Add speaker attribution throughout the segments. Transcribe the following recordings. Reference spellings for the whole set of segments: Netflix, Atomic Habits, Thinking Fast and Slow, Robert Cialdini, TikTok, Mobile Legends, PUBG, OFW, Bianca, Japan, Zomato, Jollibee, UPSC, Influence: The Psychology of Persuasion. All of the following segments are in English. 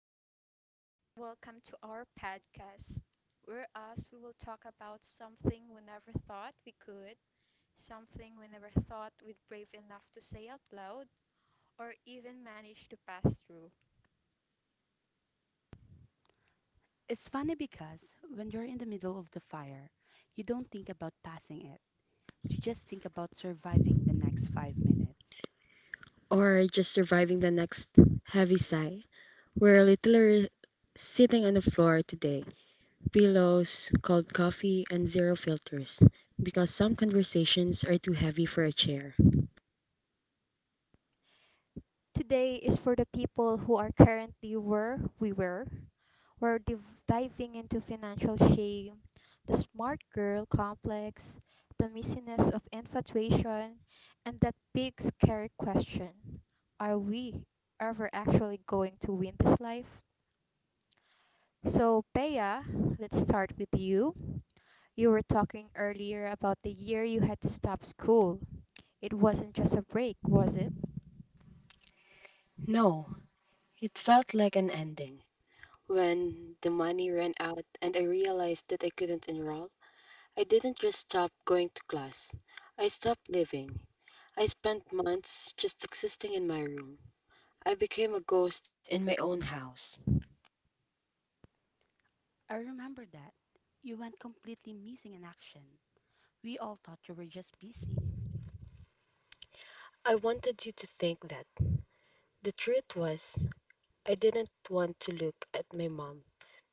Speaker 1: Hello, everyone. Welcome to our podcast, where us we will talk about something we never thought we could, something we never thought we'd brave enough to say out loud, or even manage to pass through.
Speaker 2: It's funny because when you're in the middle of the fire, you don't think about passing it. You just think about surviving the next 5 minutes.
Speaker 3: Or just surviving the next heavy sigh. We're literally sitting on the floor today, pillows, cold coffee, and zero filters, because some conversations are too heavy for a chair.
Speaker 1: Today is for the people who are currently where we were. We're diving into financial shame, the smart girl complex, the missiness of infatuation, and that big scary question, are we ever actually going to win this life? So, Bea, let's start with you. You were talking earlier about the year you had to stop school. It wasn't just a break, was it?
Speaker 3: No, it felt like an ending. When the money ran out and I realized that I couldn't enroll, I didn't just stop going to class. I stopped living. I spent months just existing in my room. I became a ghost in my own house.
Speaker 2: I remember that. You went completely missing in action. We all thought you were just busy.
Speaker 3: I wanted you to think that. The truth was, I didn't want to look at my mom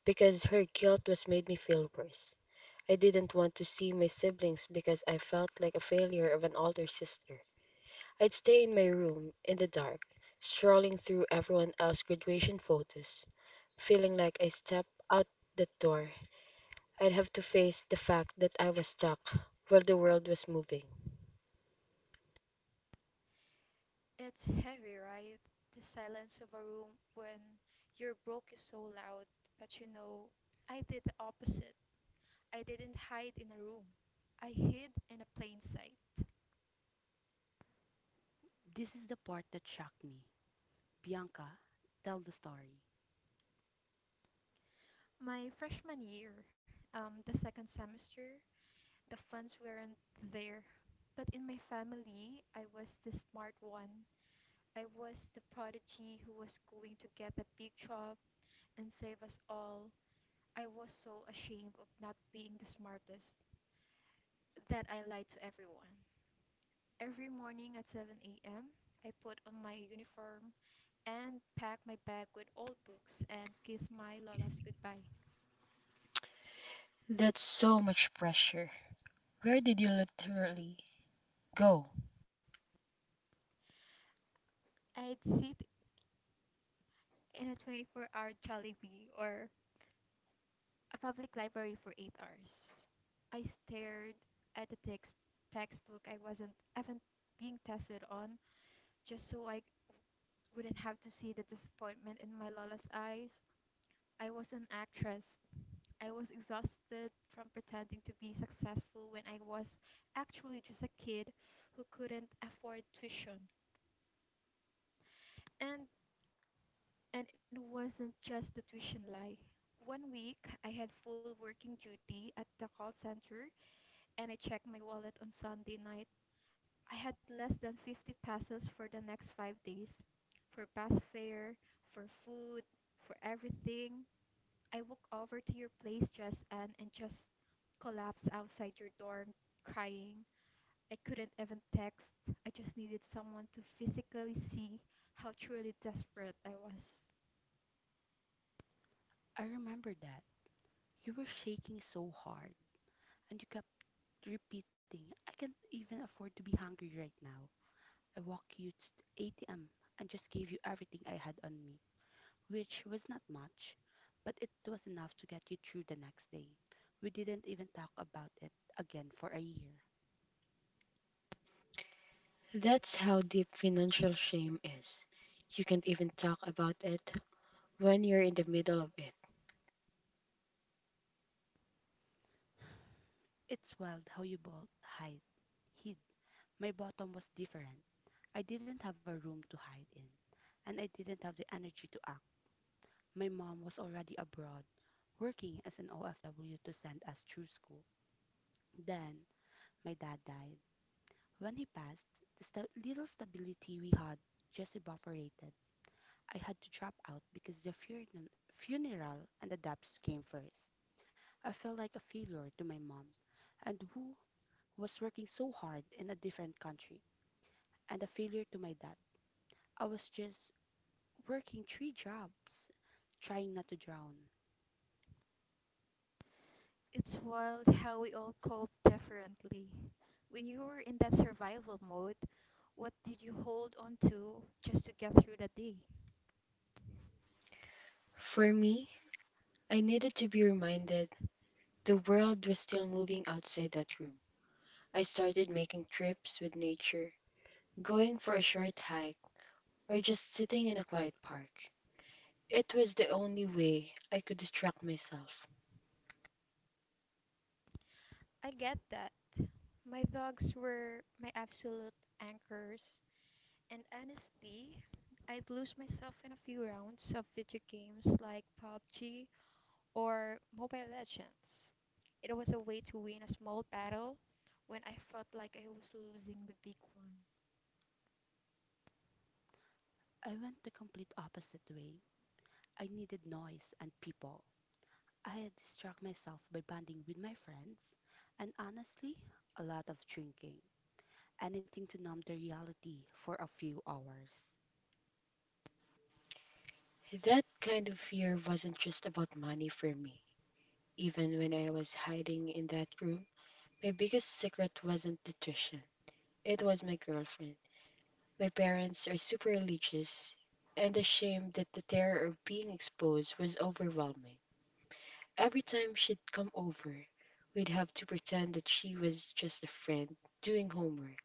Speaker 3: because her guilt was made me feel worse. I didn't want to see my siblings because I felt like a failure of an older sister. I'd stay in my room in the dark, strolling through everyone else's graduation photos, feeling like I stepped out the door. I'd have to face the fact that I was stuck while the world was moving.
Speaker 1: It's heavy, right? The silence of a room when your broke is so loud. But you know, I did the opposite. I didn't hide in a room. I hid in a plain sight.
Speaker 2: This is the part that shocked me. Bianca, tell the story.
Speaker 1: My freshman year, the second semester, the funds weren't there. But in my family, I was the smart one. I was the prodigy who was going to get a big job and save us all. I was so ashamed of not being the smartest, that I lied to everyone. Every morning at 7 a.m., I put on my uniform and pack my bag with old books and kiss my lolas goodbye.
Speaker 3: That's so much pressure. Where did you literally go?
Speaker 1: I'd sit in a 24-hour Jollibee or a public library for 8 hours. I stared at the textbook I wasn't even being tested on, just so I wouldn't have to see the disappointment in my lola's eyes. I was an actress. I was exhausted from pretending to be successful when I was actually just a kid who couldn't afford tuition. And and it wasn't just the tuition lie. One week I had full working duty at the call center, and I checked my wallet on Sunday night. I had less than 50 pesos for the next 5 days, for bus fare, for food, for everything. I walked over to your place just and just collapsed outside your dorm crying. I couldn't even text. I just needed someone to physically see how truly desperate I was.
Speaker 2: I remember that. You were shaking so hard, and you kept repeating, I can't even afford to be hungry right now. I walked you to the ATM and just gave you everything I had on me, which was not much, but it was enough to get you through the next day. We didn't even talk about it again for a year.
Speaker 3: That's how deep financial shame is. You can't even talk about it when you're in the middle of it.
Speaker 2: It's wild how you both hide. Hid. My bottom was different. I didn't have a room to hide in, and I didn't have the energy to act. My mom was already abroad, working as an OFW to send us through school. Then, my dad died. When he passed, the little stability we had just evaporated. I had to drop out because the funeral and the dubs came first. I felt like a failure to my mom, and who was working so hard in a different country, and a failure to my dad. I was just working 3 jobs, trying not to drown.
Speaker 1: It's wild how we all cope differently. When you were in that survival mode, what did you hold on to just to get through the day?
Speaker 3: For me, I needed to be reminded the world was still moving outside that room. I started making trips with nature, going for a short hike, or just sitting in a quiet park. It was the only way I could distract myself.
Speaker 1: I get that. My dogs were my absolute anchors. And honestly, I'd lose myself in a few rounds of video games like PUBG or Mobile Legends. It was a way to win a small battle when I felt like I was losing the big one.
Speaker 2: I went the complete opposite way. I needed noise and people. I had distracted myself by bonding with my friends, and honestly, a lot of drinking, anything to numb the reality for a few hours.
Speaker 3: That kind of fear wasn't just about money for me. Even when I was hiding in that room, my biggest secret wasn't the tuition. It was my girlfriend. My parents are super religious, and the shame that the terror of being exposed was overwhelming. Every time she'd come over, we'd have to pretend that she was just a friend doing homework.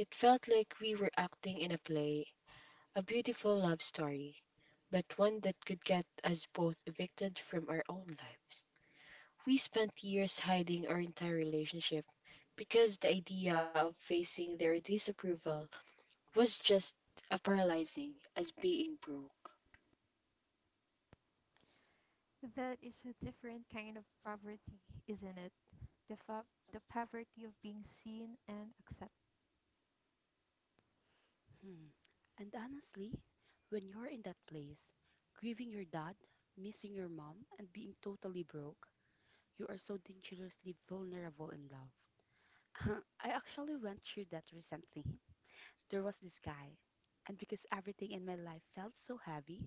Speaker 3: It felt like we were acting in a play, a beautiful love story, but one that could get us both evicted from our own lives. We spent years hiding our entire relationship because the idea of facing their disapproval was just as paralyzing as being broke.
Speaker 1: That is a different kind of poverty, isn't it? The, fa- the poverty of being seen and accepted.
Speaker 2: Mm. And honestly, when you're in that place, grieving your dad, missing your mom, and being totally broke, you are so dangerously vulnerable in love. I actually went through that recently. There was this guy, and because everything in my life felt so heavy,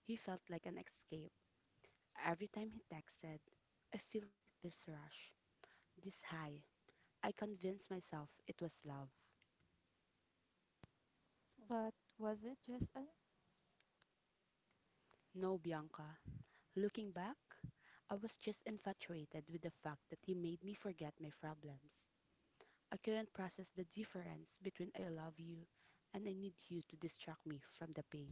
Speaker 2: he felt like an escape. Every time he texted, I felt this rush, this high. I convinced myself it was love.
Speaker 1: But was it just a-
Speaker 2: No, Bianca, looking back, I was just infatuated with the fact that he made me forget my problems. I couldn't process the difference between I love you and I need you to distract me from the pain.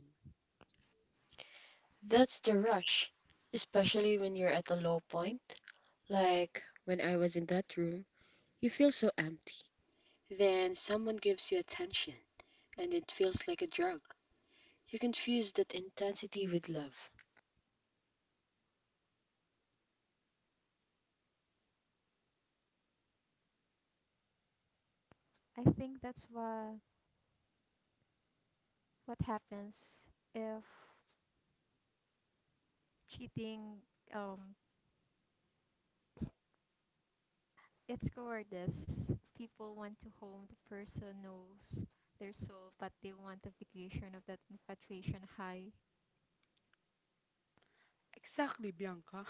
Speaker 3: That's the rush, especially when you're at a low point. Like when I was in that room, you feel so empty. Then someone gives you attention, and it feels like a drug. You confuse that intensity with love.
Speaker 1: I think that's what happens if cheating, um, it's cowardice. People want to home the person knows their soul, but they want the vacation of that infatuation high.
Speaker 2: Exactly, Bianca.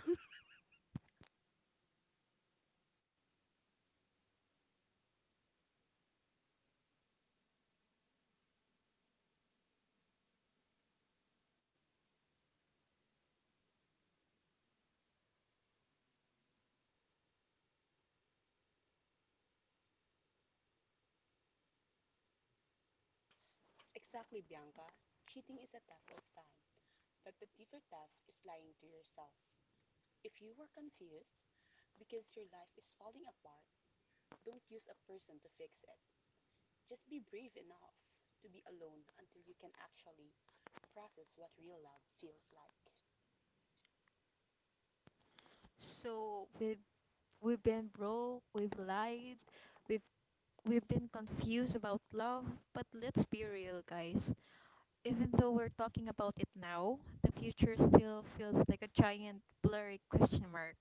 Speaker 2: Exactly, Bianca. Cheating is a theft of time, but the deeper theft is lying to yourself. If you were confused because your life is falling apart, don't use a person to fix it. Just be brave enough to be alone until you can actually process what real love feels like.
Speaker 1: So we've been broke, we've lied, we've we've been confused about love, but let's be real, guys. Even though we're talking about it now, the future still feels like a giant blurry question mark.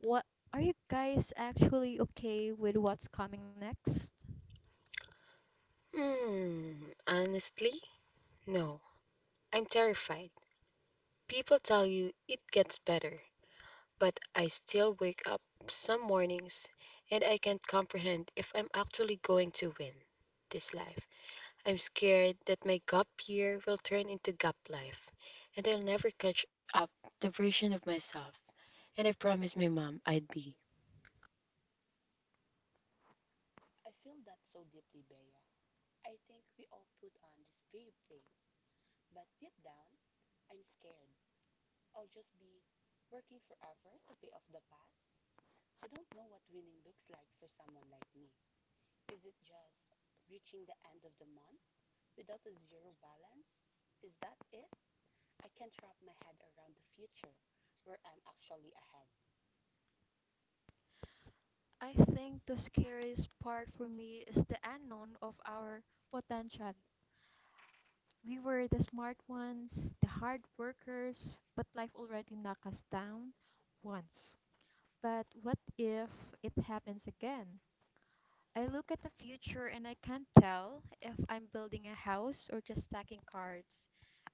Speaker 1: What are you guys actually okay with what's coming next?
Speaker 3: Honestly, no. I'm terrified. People tell you it gets better, but I still wake up some mornings and I can't comprehend if I'm actually going to win this life. I'm scared that my gap year will turn into gap life and I'll never catch up the version of myself. And I promised my mom I'd be.
Speaker 2: I feel that so deeply, Bea. I think we all put on this brave face, but deep down, I'm scared. I'll just be working forever to pay off the past. I don't know what winning looks like for someone like me. Is it just reaching the end of the month without a zero balance? Is that it? I can't wrap my head around the future where I'm actually ahead.
Speaker 1: I think the scariest part for me is the unknown of our potential. We were the smart ones, the hard workers, but life already knocked us down once. But what if it happens again? I look at the future and I can't tell if I'm building a house or just stacking cards.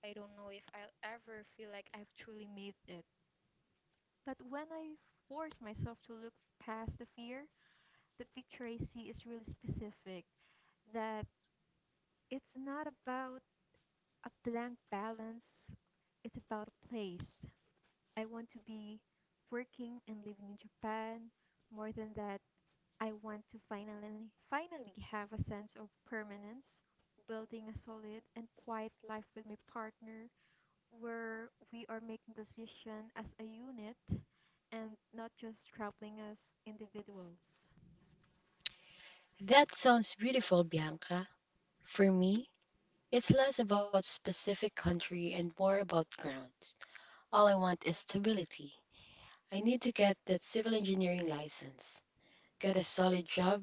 Speaker 1: I don't know if I'll ever feel like I've truly made it. But when I force myself to look past the fear, the picture I see is really specific. That it's not about a blank balance, it's about a place. I want to be working and living in Japan. More than that, I want to finally have a sense of permanence, building a solid and quiet life with my partner where we are making decisions as a unit and not just scrabbling as individuals.
Speaker 3: That sounds beautiful, Bianca. For me, it's less about specific country and more about grounds. All I want is stability. I need to get that civil engineering license, get a solid job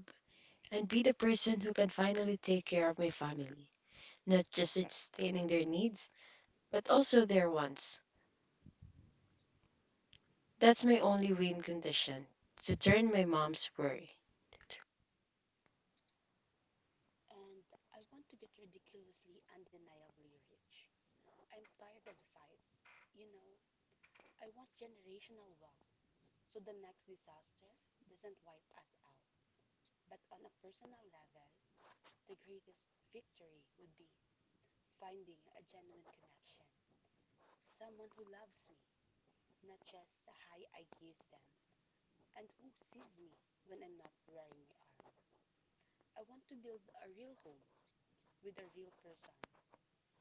Speaker 3: and be the person who can finally take care of my family, not just sustaining their needs, but also their wants. That's my only win condition to turn my mom's worry.
Speaker 2: And I want to get ridiculously, undeniably rich. I'm tired of the fight. You know, I want generational wealth so the next disaster doesn't wipe us out. But on a personal level, the greatest victory would be finding a genuine connection. Someone who loves me, not just the high I give them, and who sees me when I'm not wearing my arm. I want to build a real home with a real person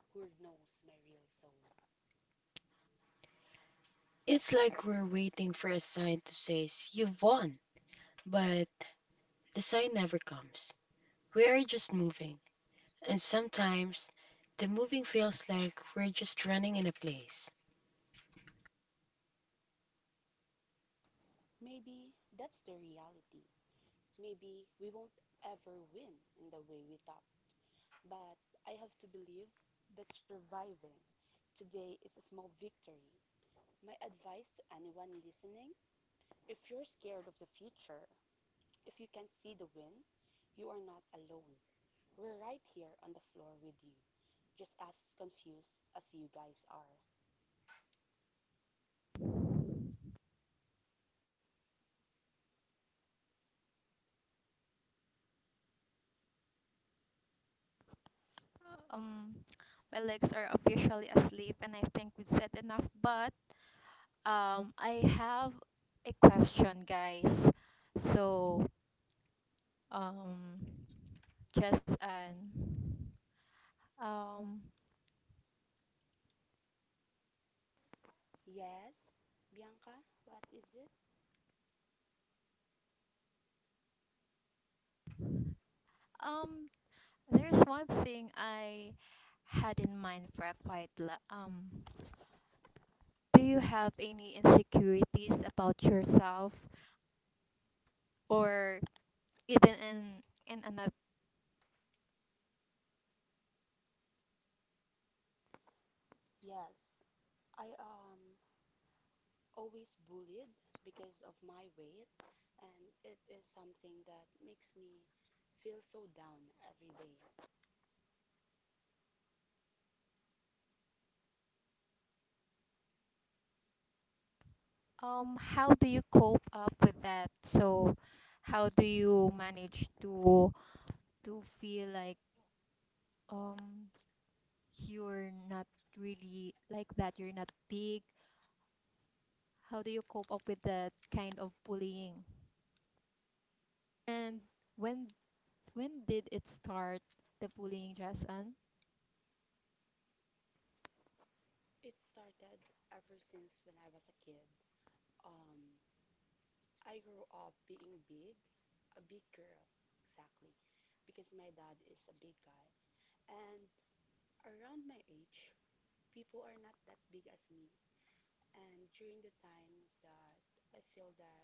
Speaker 2: who knows my real soul.
Speaker 3: It's like we're waiting for a sign to say you've won, but the sign never comes. We are just moving, and sometimes the moving feels like we're just running in a place.
Speaker 2: Maybe that's the reality. Maybe we won't ever win in the way we thought. But I have to believe that surviving today is a small victory. My advice to anyone listening, if you're scared of the future, if you can't see the win, you are not alone. We're right here on the floor with you, just as confused as you guys are.
Speaker 1: Um, my legs are officially asleep, and I think we've said enough. But I have a question, guys. So, um, Jess and um,
Speaker 2: Yes, Bianca, what is it?
Speaker 1: um, there's one thing I had in mind for a quite Do you have any insecurities about yourself, or even in another?
Speaker 2: Yes, I always bullied because of my weight, and it is something that makes me feel so down every day.
Speaker 1: How do you cope up with that? So, how do you manage to feel like um you're not really like that, you're not big. How do you cope up with that kind of bullying? And when when did it start, the bullying, Jason?
Speaker 2: It started ever since when I was a kid. Um, I grew up being big, a big girl, exactly, because my dad is a big guy. And around my age, people are not that big as me. And during the times that I feel that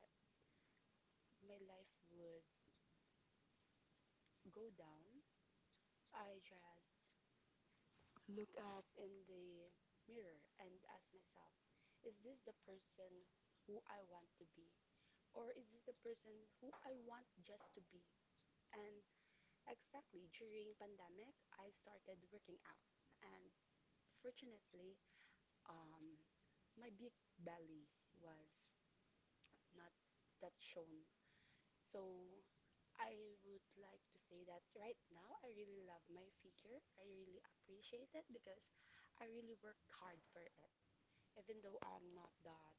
Speaker 2: my life would go down, I just look up in the mirror and ask myself, is this the person who I want to be? Or is this the person who I want just to be? And exactly during pandemic, I started working out. And fortunately, um, my big belly was not that shown. So I would like to say that right now, I really love my figure. I really appreciate it because I really worked hard for it. Even though I'm not that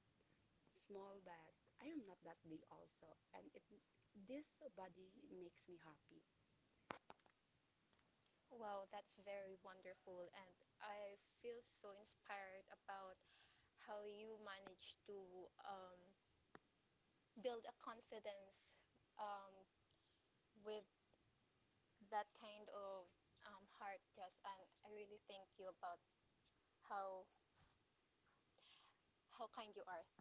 Speaker 2: small, but I am not that big also. And it this body makes me happy.
Speaker 1: Wow, that's very wonderful, and I feel so inspired about how you manage to, um, build a confidence, um, with that kind of heart, just and I really thank you about how how kind you are.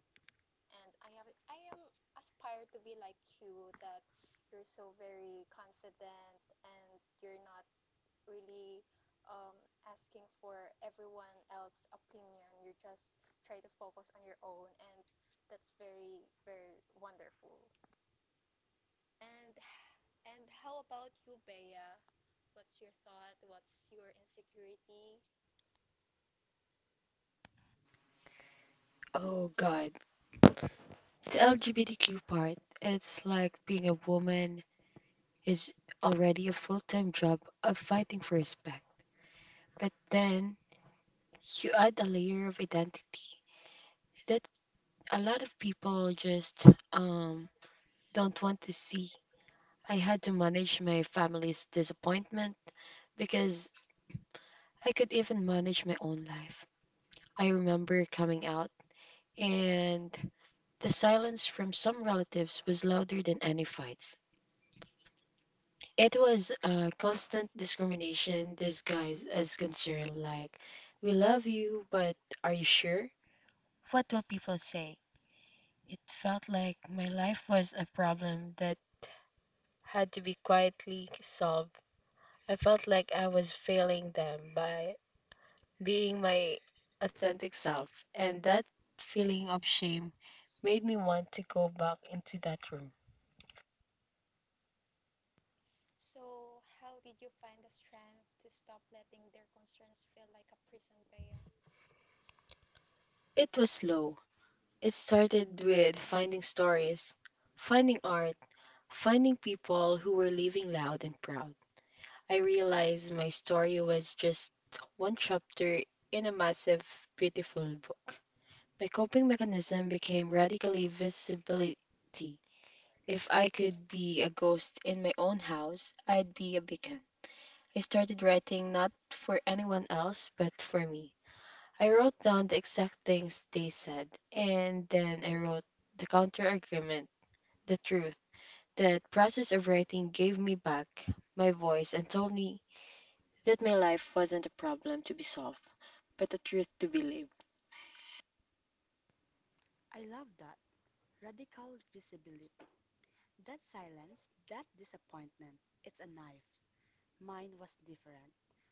Speaker 1: And I am aspired to be like you, that you're so very confident and you're not really, um, asking for everyone else's opinion. You just try to focus on your own, and that's very very wonderful. And and how about you, Bea? What's your thought? What's your insecurity?
Speaker 3: Oh god, the LGBTQ part, it's like being a woman is already a full time job of fighting for respect. But then you add a layer of identity that a lot of people just um, don't want to see. I had to manage my family's disappointment because I could even manage my own life. I remember coming out, and the silence from some relatives was louder than any fights. It was constant discrimination disguised as concern, like, we love you, but are you sure? What will people say? It felt like my life was a problem that had to be quietly solved. I felt like I was failing them by being my authentic self, and that feeling of shame made me want to go back into that room.
Speaker 1: So, how did you find the strength to stop letting their concerns feel like a prison, Bea?
Speaker 3: It was slow. It started with finding stories, finding art, finding people who were living loud and proud. I realized my story was just one chapter in a massive, beautiful book. My coping mechanism became radically visibility. If I could be a ghost in my own house, I'd be a beacon. I started writing not for anyone else, but for me. I wrote down the exact things they said, and then I wrote the counter argument, the truth. That process of writing gave me back my voice and told me that my life wasn't a problem to be solved, but a truth to be lived.
Speaker 2: I love that radical visibility, that silence, that disappointment. It's a knife. Mine was different,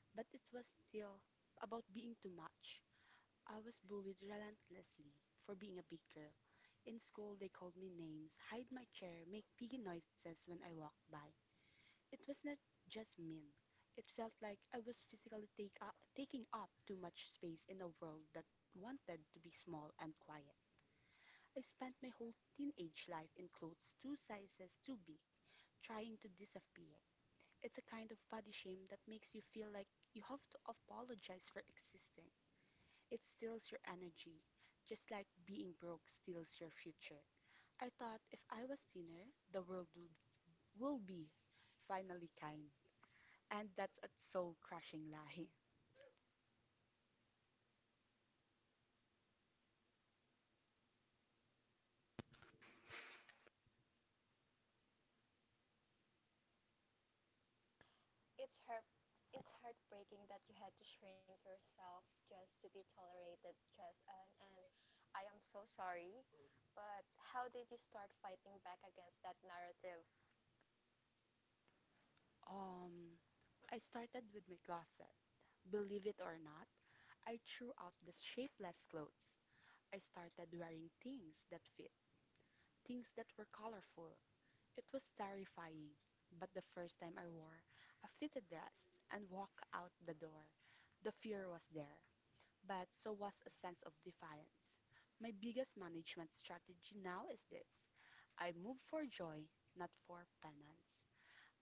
Speaker 2: but it was still about being too much. I was bullied relentlessly for being a big girl. In school, they called me names, hide my chair, make piggy noises when I walked by. It was not just mean. It felt like I was physically taking up too much space in a world that wanted to be small and quiet. I spent my whole teenage life in clothes 2 sizes too big, trying to disappear. It's a kind of body shame that makes you feel like you have to apologize for existing. It steals your energy, just like being broke steals your future. I thought if I was thinner, will be finally kind. And that's a soul crushing lie.
Speaker 1: It's heart it's heartbreaking that you had to shrink yourself just to be tolerated, Jess. And I am so sorry. But how did you start fighting back against that narrative?
Speaker 2: Um, I started with my closet. Believe it or not, I threw out the shapeless clothes. I started wearing things that fit, things that were colorful. It was terrifying, but the first time I wore a fitted dress and walked out the door, the fear was there, but so was a sense of defiance. My biggest management strategy now is this: I move for joy, not for penance.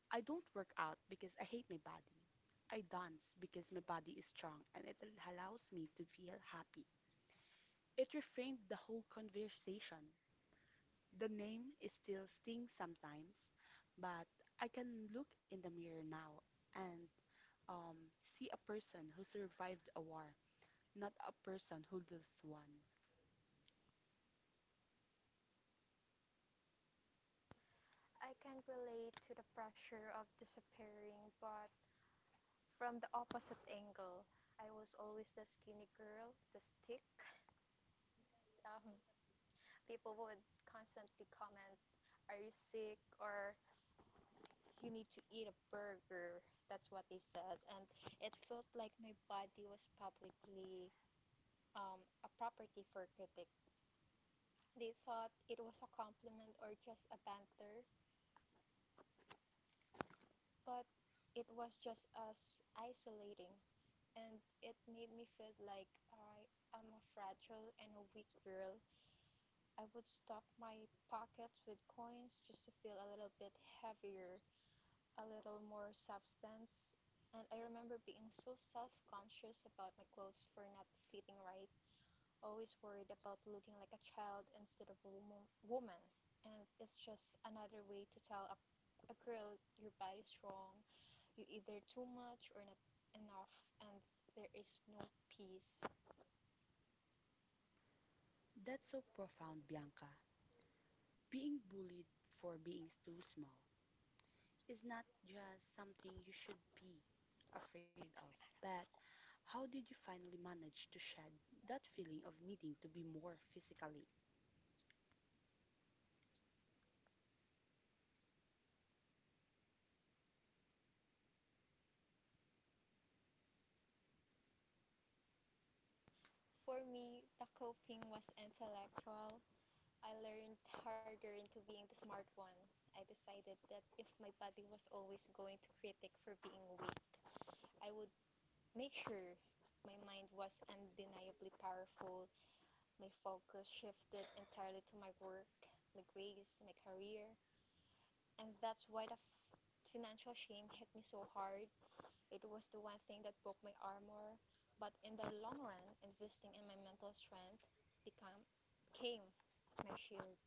Speaker 2: I don't work out because I hate my body. I dance because my body is strong and it allows me to feel happy. It reframed the whole conversation. The name is still stings sometimes, but I can look in the mirror now and um, see a person who survived a war, not a person who loses one.
Speaker 1: I can relate to the pressure of disappearing, but from the opposite angle. I was always the skinny girl, the stick. Um, people would constantly comment, "Are you sick?" or "You need to eat a burger." That's what they said. And it felt like my body was publicly, a property for critics. They thought it was a compliment or just a banter, but it was just as isolating. And it made me feel like I am a fragile and a weak girl. I would stuff my pockets with coins just to feel a little bit heavier, a little more substance. And I remember being so self conscious about my clothes for not fitting right, always worried about looking like a child instead of a woman. And it's just another way to tell a girl your body's wrong, you're either too much or not enough, and there is no peace.
Speaker 2: That's so profound, Bianca. Being bullied for being too small, is not just something you should be afraid of, but how did you finally manage to shed that feeling of needing to be more physically?
Speaker 1: For me, the coping was intellectual. I learned harder into being the smart one. I decided that if my body was always going to critic for being weak, I would make sure my mind was undeniably powerful. My focus shifted entirely to my work, my grades, my career. And that's why the financial shame hit me so hard. It was the one thing that broke my armor. But in the long run, investing in my mental strength became, became my shield.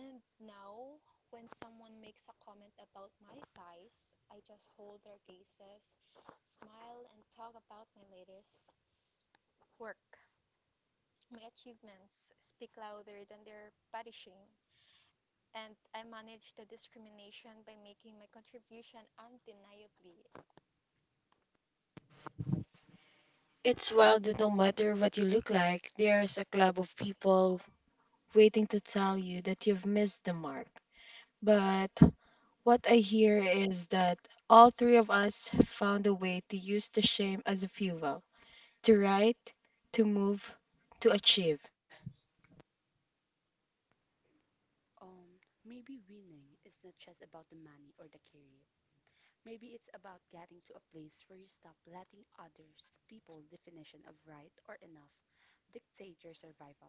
Speaker 1: And now, when someone makes a comment about my size, I just hold their gazes, smile, and talk about my latest work. My achievements speak louder than their body shame. And I manage the discrimination by making my contribution undeniably.
Speaker 3: It's wild that no matter what you look like, there's a club of people waiting to tell you that you've missed the mark. But what I hear is that all three of us found a way to use the shame as a fuel to write, to move, to achieve.
Speaker 2: Um, Maybe winning is not just about the money or the career. Maybe it's about getting to a place where you stop letting others, people's definition of right or enough dictate your survival.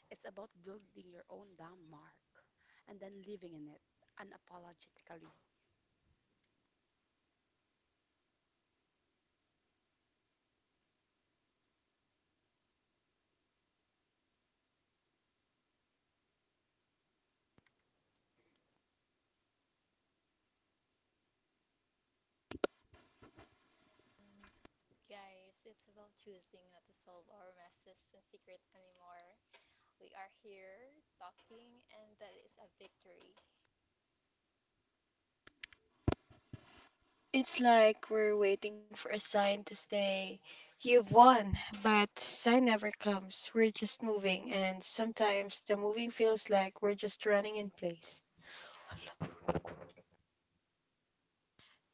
Speaker 2: It's about building your own damn mark and then living in it unapologetically.
Speaker 1: And guys, it's about choosing not to solve our messes in secret anymore. We are here talking, and that is a victory.
Speaker 3: It's like we're waiting for a sign to say, "You've won," but sign never comes. We're just moving, and sometimes the moving feels like we're just running in place.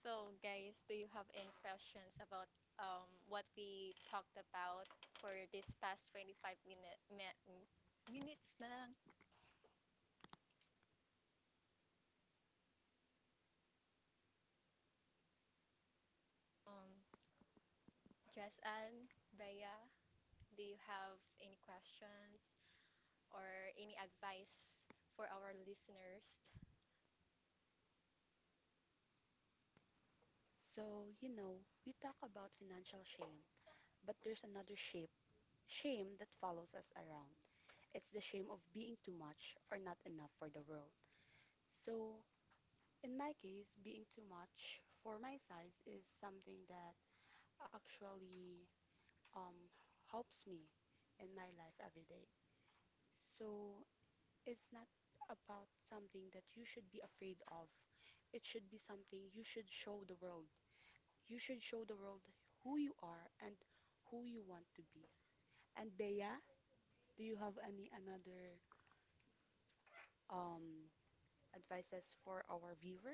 Speaker 1: So, guys, do you have any questions about, what we talked about for this past 25 minutes na lang? Um, Jess and Bea, do you have any questions or any advice for our listeners?
Speaker 2: So, you know, we talk about financial shame, but there's another shame that follows us around. It's the shame of being too much or not enough for the world. So, in my case, being too much for my size is something that actually um, helps me in my life every day. So, it's not about something that you should be afraid of. It should be something you should show the world. You should show the world who you are and who you want to be. And Bea, do you have any another um advices for our viewers?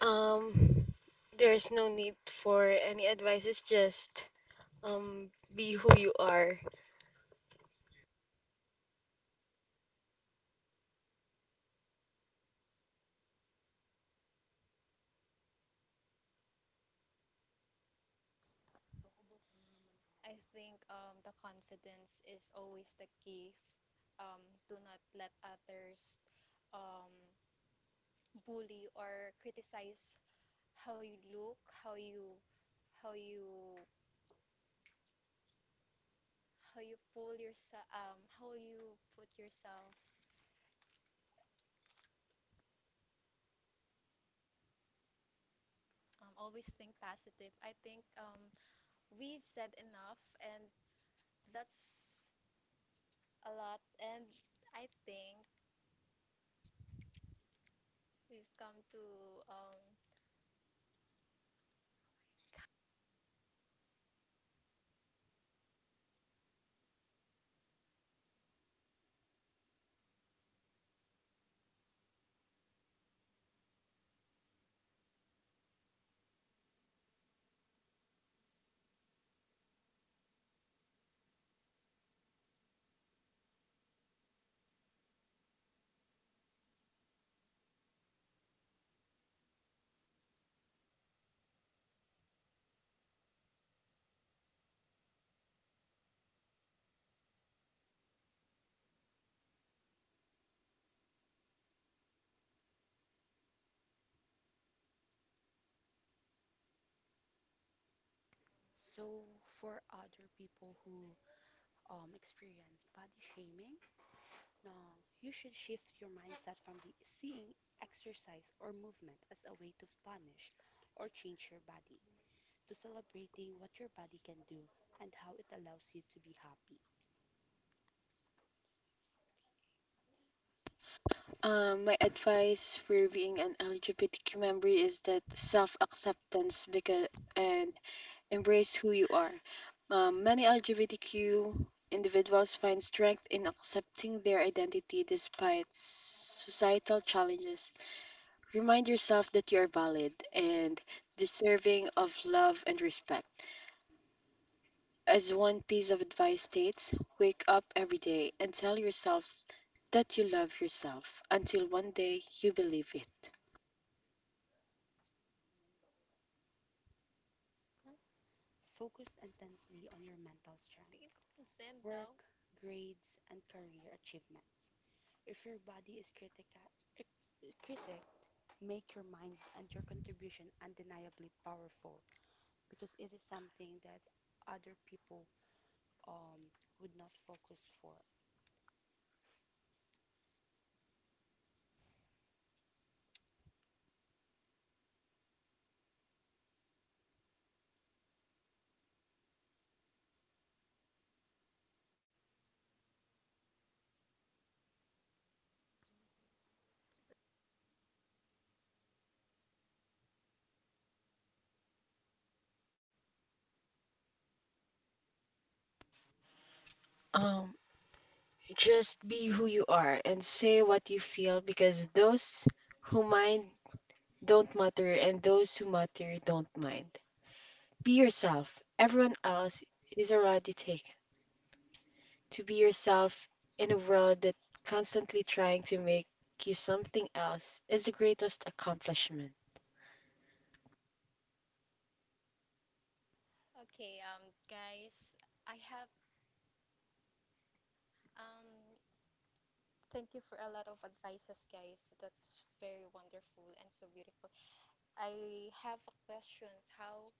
Speaker 3: Um, there's no need for any advice, it's just um, be who you are.
Speaker 1: I think the confidence is always the key. Do not let others, um, bully or criticize how you look, how you how you pull yourself, how you put yourself, always think positive. I think we've said enough, and that's a lot. And I think we've come to
Speaker 2: So for other people who experience body shaming, now you should shift your mindset from the seeing exercise or movement as a way to punish or change your body to celebrating what your body can do and how it allows you to be happy.
Speaker 3: My advice for being an LGBTQ member is that self acceptance because and embrace who you are. Many LGBTQ individuals find strength in accepting their identity despite societal challenges. Remind yourself that you are valid and deserving of love and respect. As one piece of advice states, wake up every day and tell yourself that you love yourself until one day you believe it.
Speaker 1: hmm,
Speaker 2: Focus intensely on your mental strength
Speaker 1: we ko consent daw
Speaker 2: work, grades, and career achievements. If your body is critic, make your mind and your contribution undeniably powerful because it is something that other people um, would not focus for.
Speaker 3: Um, just be who you are and say what you feel because those who mind don't matter, and those who matter don't mind. Be yourself. Everyone else is already taken. To be yourself in a world that constantly trying to make you something else is the greatest accomplishment.
Speaker 1: okay guys, I have um thank you for a lot of advices guys, that's very wonderful and so beautiful. I have a questions, how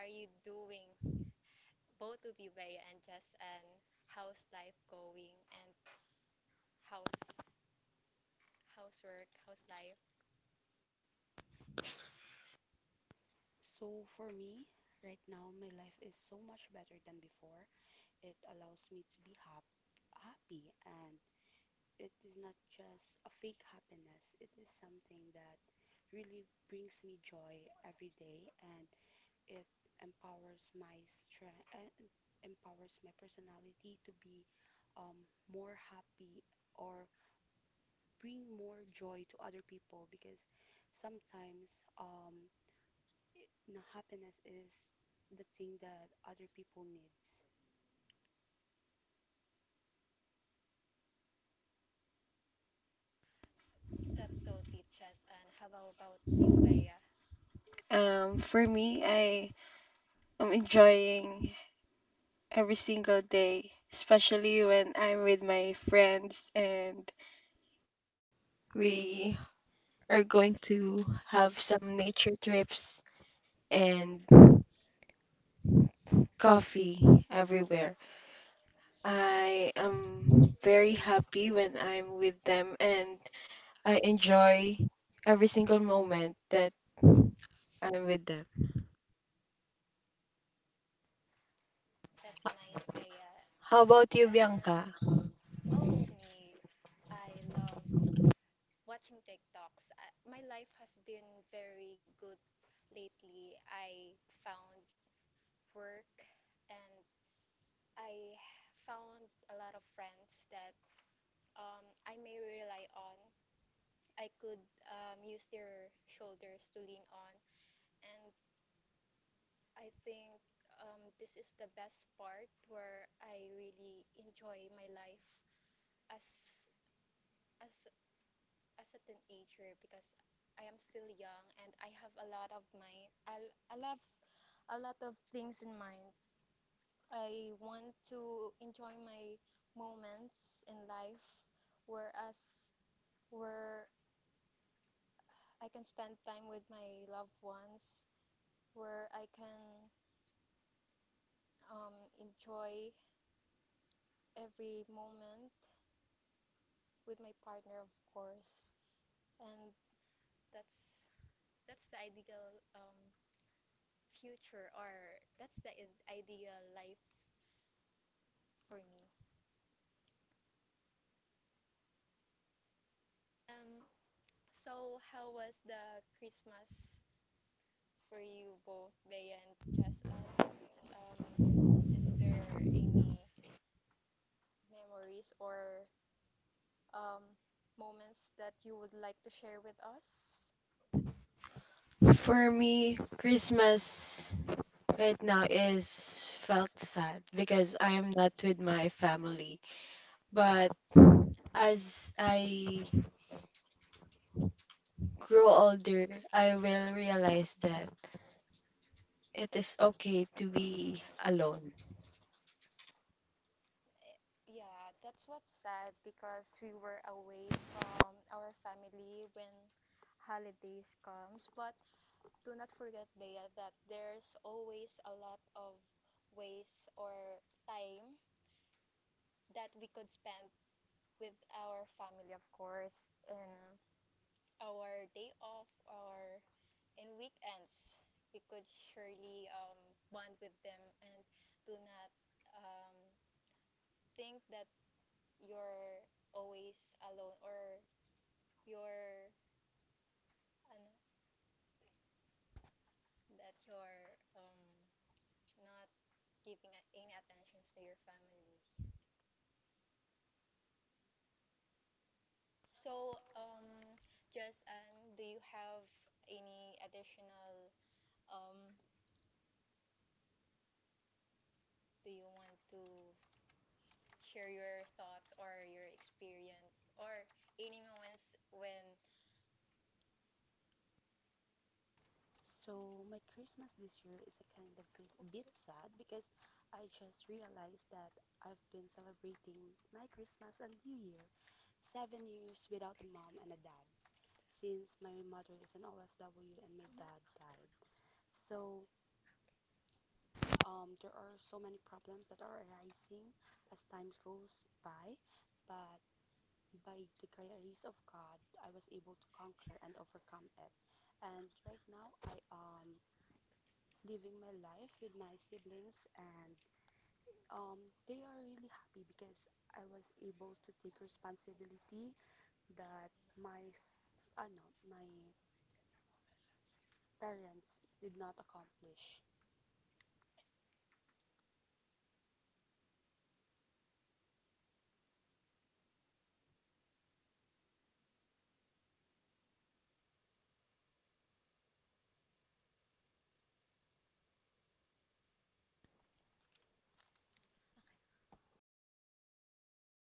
Speaker 1: are you doing, both of you, Ubibay and Jess, and how's life going, and how's housework, how's life.
Speaker 2: So for me, right now, my life is so much better than before. It allows me to be happy, and it is not just a fake happiness. It is something that really brings me joy every day, and it empowers my strength and empowers my personality to be more happy or bring more joy to other people because sometimes it, na happiness is the thing that other people needs.
Speaker 1: That's so deep, Jess. And how about you, Bea?
Speaker 3: For me, I am enjoying every single day, especially when I'm with my friends and we are going to have some nature trips and coffee everywhere. I am very happy when I'm with them and I enjoy every single moment that I'm with them.
Speaker 1: That's nice, Bea.
Speaker 3: How about you,
Speaker 1: And
Speaker 3: Bianca?
Speaker 1: oh me, I love watching TikToks. I, my life has been very good lately. I found work, and I found a lot of friends that, I may rely on I could, use their shoulders to lean on. And I think, this is the best part where I really enjoy my life as as a teenager because I am still young and I have a lot of my I love a lot of things in mind. I want to enjoy my moments in life whereas where I can spend time with my loved ones, where I can, enjoy every moment with my partner, of course. And that's that's the ideal, future, or that's the ideal life for me. Um, so how was the Christmas for you both, Bea and Chasan? Um, is there any memories or, um, moments that you would like to share with us?
Speaker 3: For me, Christmas right now is felt sad because I'm not with my family. But as I grow older, I will realize that it is okay to be alone.
Speaker 1: Yeah, that's what's sad because we were away from our family when holidays comes. But do not forget, Bea, that there's always a lot of ways or time that we could spend with our family, of course, in our day off or in weekends. We could surely, bond with them, and do not, um, think that you're always alone or you're ano, that you're, not giving any attention to your family. So, just do you have any additional, um, do you want to share your thoughts or your experience or any moments when
Speaker 2: So my Christmas this year is a kind of a bit sad because I just realized that I've been celebrating my Christmas and New Year 7 years without a mom and a dad, since my mother is an OFW and my dad died. So there are so many problems that are arising as time goes by, but by the grace of God, I was able to conquer and overcome it. And right now, I am living my life with my siblings, and they are really happy because I was able to take responsibility that my my parents did not accomplish.